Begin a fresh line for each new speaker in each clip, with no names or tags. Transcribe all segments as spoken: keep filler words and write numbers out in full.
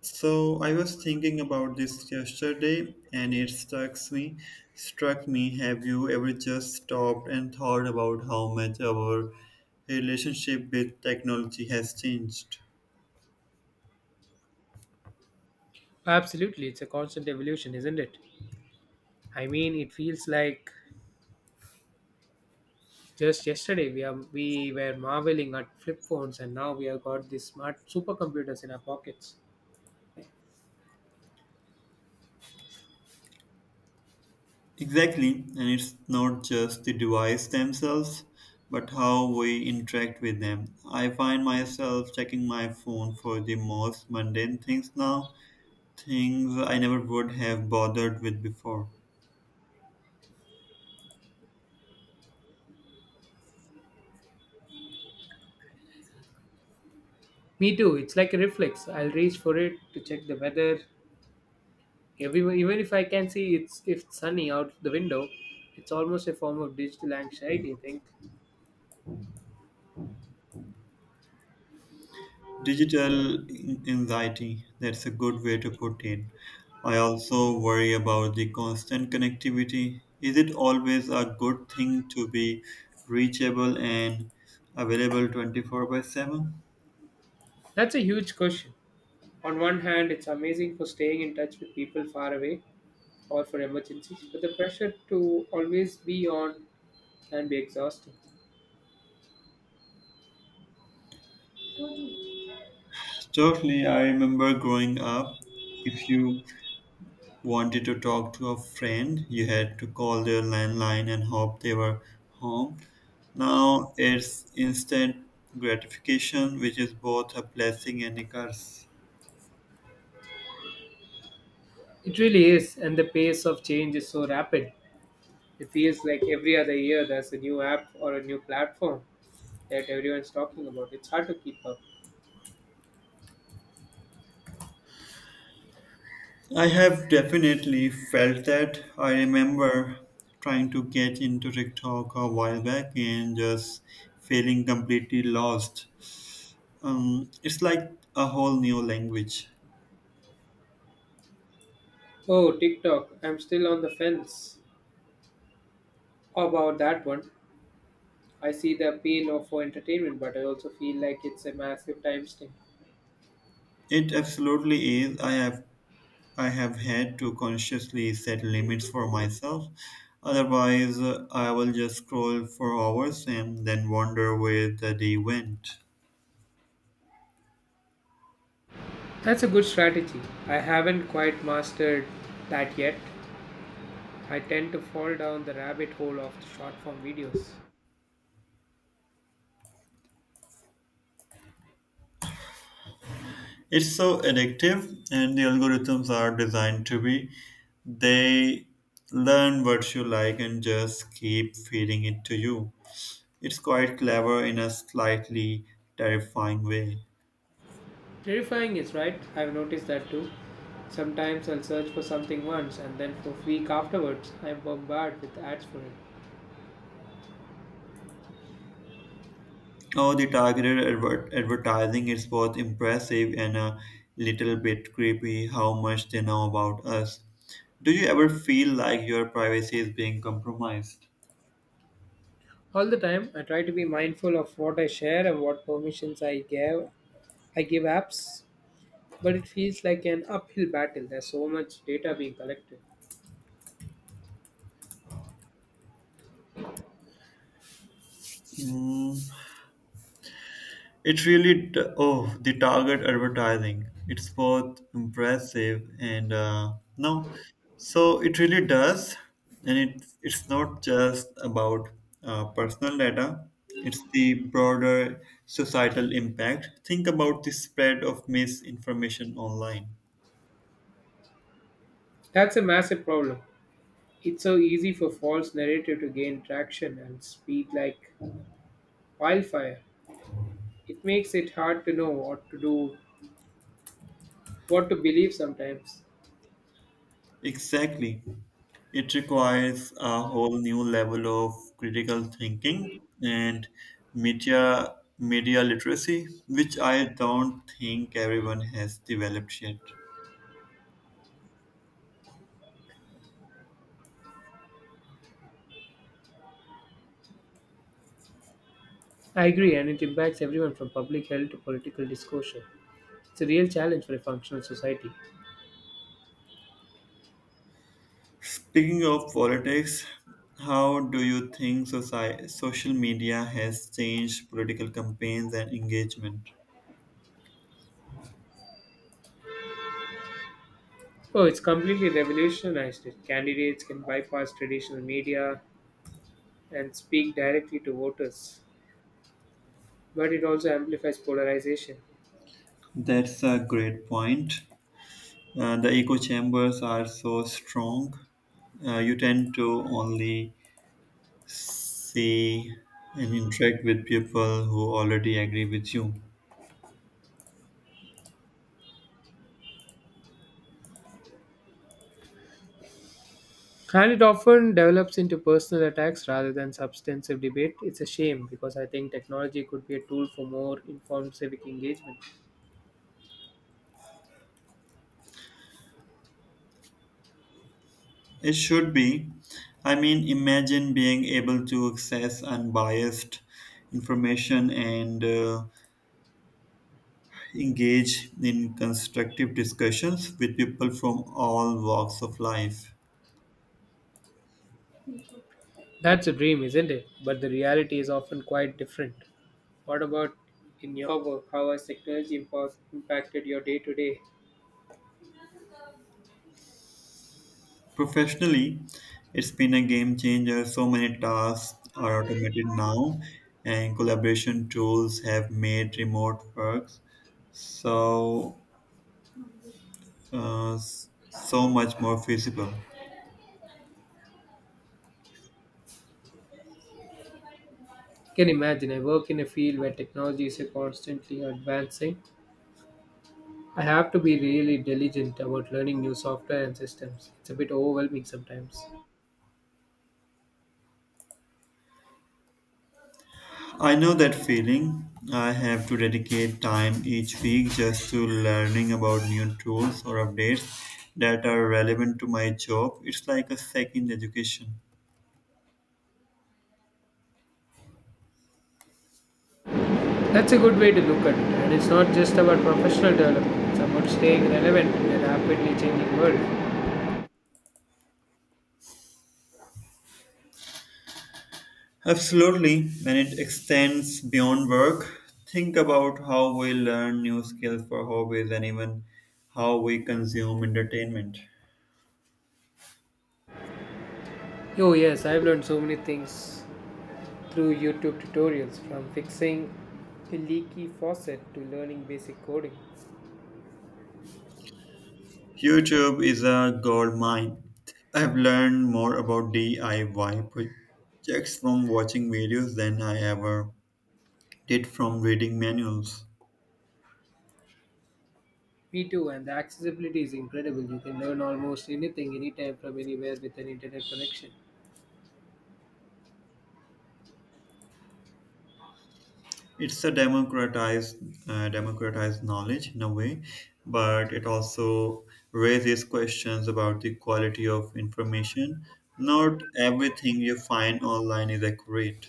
So I was thinking about this yesterday and it struck me struck me have you ever just stopped and thought about how much our relationship with technology has changed?
Absolutely, it's a constant evolution, isn't it? I mean, it feels like just yesterday we are we were marveling at flip phones, and now we have got these smart supercomputers in our pockets.
Exactly, and it's not just the device themselves but how we interact with them. I find myself checking my phone for the most mundane things now, things I never would have bothered with before.
Me too. It's like a reflex. I'll reach for it to check the weather. Everywhere, even if I can see it's if it's sunny out the window, it's almost a form of digital anxiety. I think
Digital anxiety, that's a good way to put it. I also worry about the constant connectivity. Is it always a good thing to be reachable and available twenty-four by seven?
that's a huge question. On one hand, it's amazing for staying in touch with people far away or for emergencies, but the pressure to always be on can be exhausting.
Totally, I remember growing up, if you wanted to talk to a friend, you had to call their landline and hope they were home. Now it's instant gratification, which is both a blessing and a curse.
It really is, and the pace of change is so rapid. It feels like every other year there's a new app or a new platform that everyone's talking about. It's hard to keep up.
I have definitely felt that. I remember trying to get into TikTok a while back and just feeling completely lost. Um, it's like a whole new language.
Oh, TikTok. I'm still on the fence about that one. I see the appeal of for entertainment, but I also feel like it's a massive time sink.
It absolutely is. I have I have had to consciously set limits for myself. Otherwise, uh, I will just scroll for hours and then wonder where the day went.
That's a good strategy. I haven't quite mastered that yet. I tend to fall down the rabbit hole of short form videos.
It's so addictive, and the algorithms are designed to be. They learn what you like and just keep feeding it to you. It's quite clever in a slightly terrifying way.
Terrifying is right, I've noticed that too. Sometimes I'll search for something once and then for a week afterwards I'm bombarded with ads for it.
Oh, the targeted adver- advertising is both impressive and a little bit creepy how much they know about us. Do you ever feel like your privacy is being compromised?
All the time I try to be mindful of what I share and what permissions I give I give apps, but it feels like an uphill battle. There's so much data being collected.
Hmm. It really, t- oh, the target advertising. It's both impressive and uh, no, so it really does, and it's it's not just about uh, personal data. It's the broader societal impact. Think about the spread of misinformation online.
That's a massive problem. It's so easy for false narrative to gain traction and speed like wildfire. It makes it hard to know what to do, what to believe sometimes.
Exactly. It requires a whole new level of critical thinking and media media literacy, which I don't think everyone has developed yet.
I agree, and it impacts everyone from public health to political discussion. It's a real challenge for a functional society.
Speaking of politics, how do you think society, social media has changed political campaigns and engagement?
Oh, it's completely revolutionized it. Candidates can bypass traditional media and speak directly to voters, but it also amplifies polarization.
That's a great point. Uh, the echo chambers are so strong. Uh, you tend to only see and interact with people who already agree with you.
And it often develops into personal attacks rather than substantive debate. It's a shame because I think technology could be a tool for more informed civic engagement.
It should be. I mean, imagine being able to access unbiased information and uh, engage in constructive discussions with people from all walks of life.
That's a dream, isn't it? But the reality is often quite different. What about in your work? How has technology impo- impacted your day to day?
Professionally, it's been a game changer. So many tasks are automated now, and collaboration tools have made remote work so uh, s- so much more feasible.
You can imagine I work in a field where technology is constantly advancing. I have to be really diligent about learning new software and systems. It's a bit overwhelming sometimes.
I know that feeling. I have to dedicate time each week just to learning about new tools or updates that are relevant to my job. It's like a second education.
That's a good way to look at it, and it's not just about professional development, it's about staying relevant in a rapidly changing world.
Absolutely, and it extends beyond work. Think about how we learn new skills for hobbies and even how we consume entertainment.
Oh, yes, I've learned so many things through YouTube tutorials, from fixing a leaky faucet to learning basic coding.
YouTube is a gold mine. I have learned more about D I Y projects from watching videos than I ever did from reading manuals.
Me too, and the accessibility is incredible. You can learn almost anything, anytime, from anywhere with an internet connection.
It's a democratized, uh, democratized knowledge in a way, but it also raises questions about the quality of information. Not everything you find online is accurate.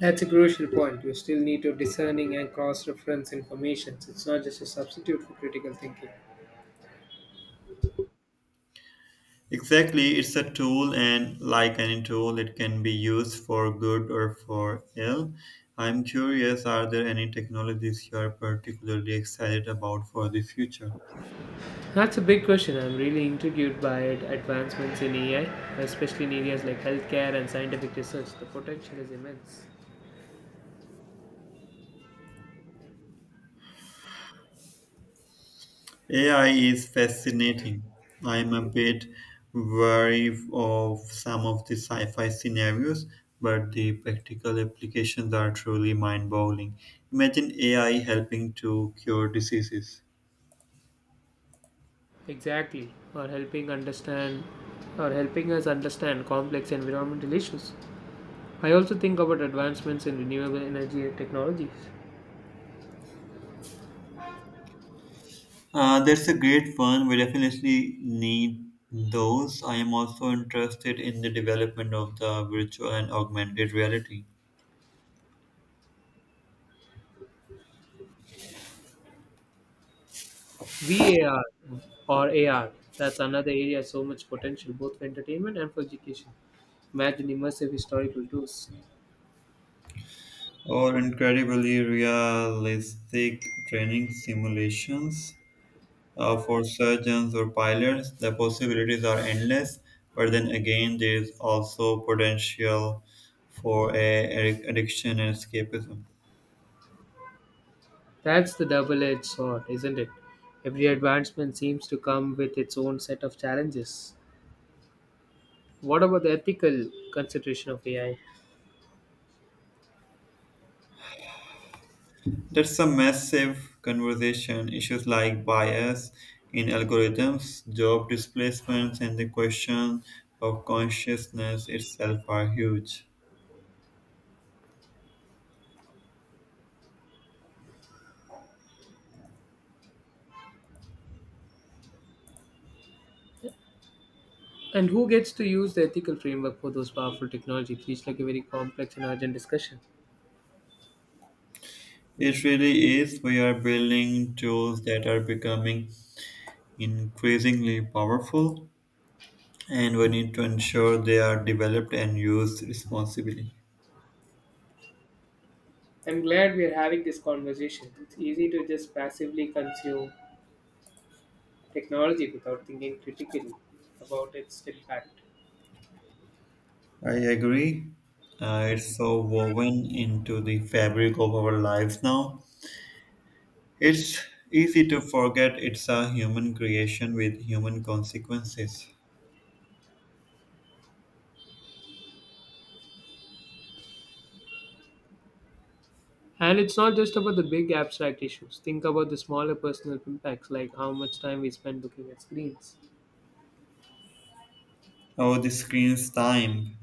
That's a crucial point. You still need to discerning and cross-reference information. It's not just a substitute for critical thinking.
Exactly, it's a tool, and like any tool, it can be used for good or for ill. I'm curious, are there any technologies you are particularly excited about for the future?
That's a big question. I'm really intrigued by it. Advancements in A I, especially in areas like healthcare and scientific research. The potential is immense.
A I is fascinating. I'm a bit wary of some of the sci fi scenarios, but the practical applications are truly mind boggling. Imagine A I helping to cure diseases.
Exactly, or helping understand, or helping us understand complex environmental issues. I also think about advancements in renewable energy technologies.
Uh, that's a great one. We definitely need those. I am also interested in the development of the virtual and augmented reality,
V A R or A R, that's another area, so much potential both for entertainment and for education. Imagine immersive historical tours.
or incredibly realistic training simulations uh, for surgeons or pilots. The possibilities are endless, but then again, there is also potential for a addiction and escapism.
That's the double edged sword, isn't it? Every advancement seems to come with its own set of challenges. What about the ethical consideration of A I?
That's a massive conversation. Issues like bias in algorithms, job displacements, and the question of consciousness itself are huge.
And who gets to use the ethical framework for those powerful technologies? It feels like a very complex and urgent discussion.
It really is. We are building tools that are becoming increasingly powerful, and we need to ensure they are developed and used responsibly.
I'm glad we are having this conversation. It's easy to just passively consume technology without thinking critically about its impact.
I agree. Uh, it's so woven into the fabric of our lives now. It's easy to forget it's a human creation with human consequences.
And it's not just about the big abstract issues. Think about the smaller personal impacts, like how much time we spend looking at screens.
Oh, the screen's time.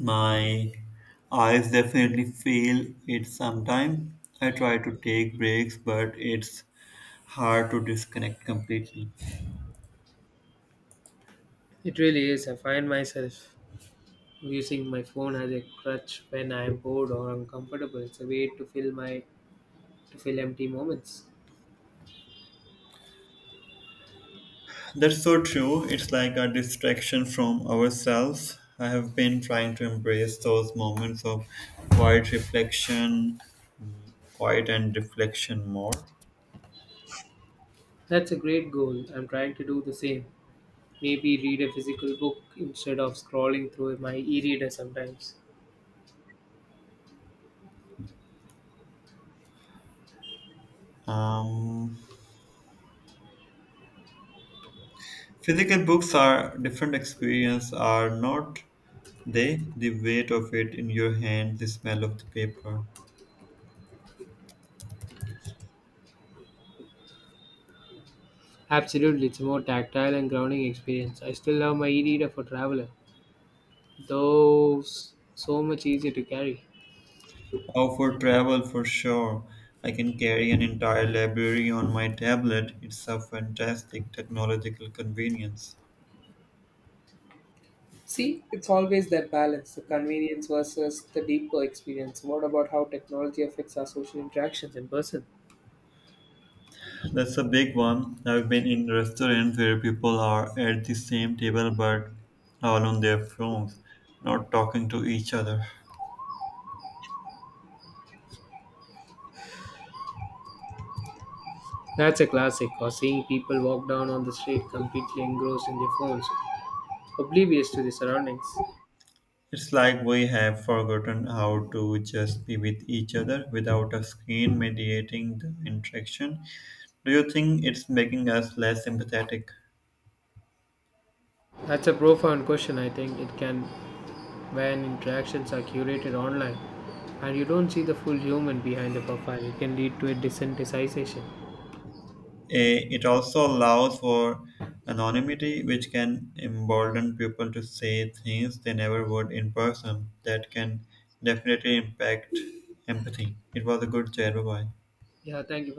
My eyes definitely feel it sometimes. I try to take breaks, but it's hard to disconnect completely.
It really is. I find myself using my phone as a crutch when I am bored or uncomfortable. It's a way to fill my to fill empty moments.
That's so true. It's like a distraction from ourselves. I have been trying to embrace those moments of quiet reflection, quiet and reflection more.
That's a great goal. I'm trying to do the same. Maybe read a physical book instead of scrolling through my e-reader sometimes.
Um, Physical books are different experience, are not they? The weight of it in your hand, the smell of the paper.
Absolutely, it's a more tactile and grounding experience. I still love my e-reader for traveler, though s- so much easier to carry.
Oh, for travel, for sure. I can carry an entire library on my tablet. It's a fantastic technological convenience.
See, it's always that balance, the convenience versus the deeper experience. What about how technology affects our social interactions in person?
That's a big one. I've been in restaurants where people are at the same table but all on their phones, not talking to each other.
That's a classic, or seeing people walk down on the street completely engrossed in their phones, oblivious to the surroundings.
It's like we have forgotten how to just be with each other without a screen mediating the interaction. Do you think it's making us less empathetic?
That's a profound question, I think. It can when interactions are curated online and you don't see the full human behind the profile, it can lead to a desensitization.
Eh, It also allows for anonymity, which can embolden people to say things they never would in person. That can definitely impact empathy. It was a good chat. Bye bye.
Yeah, thank you.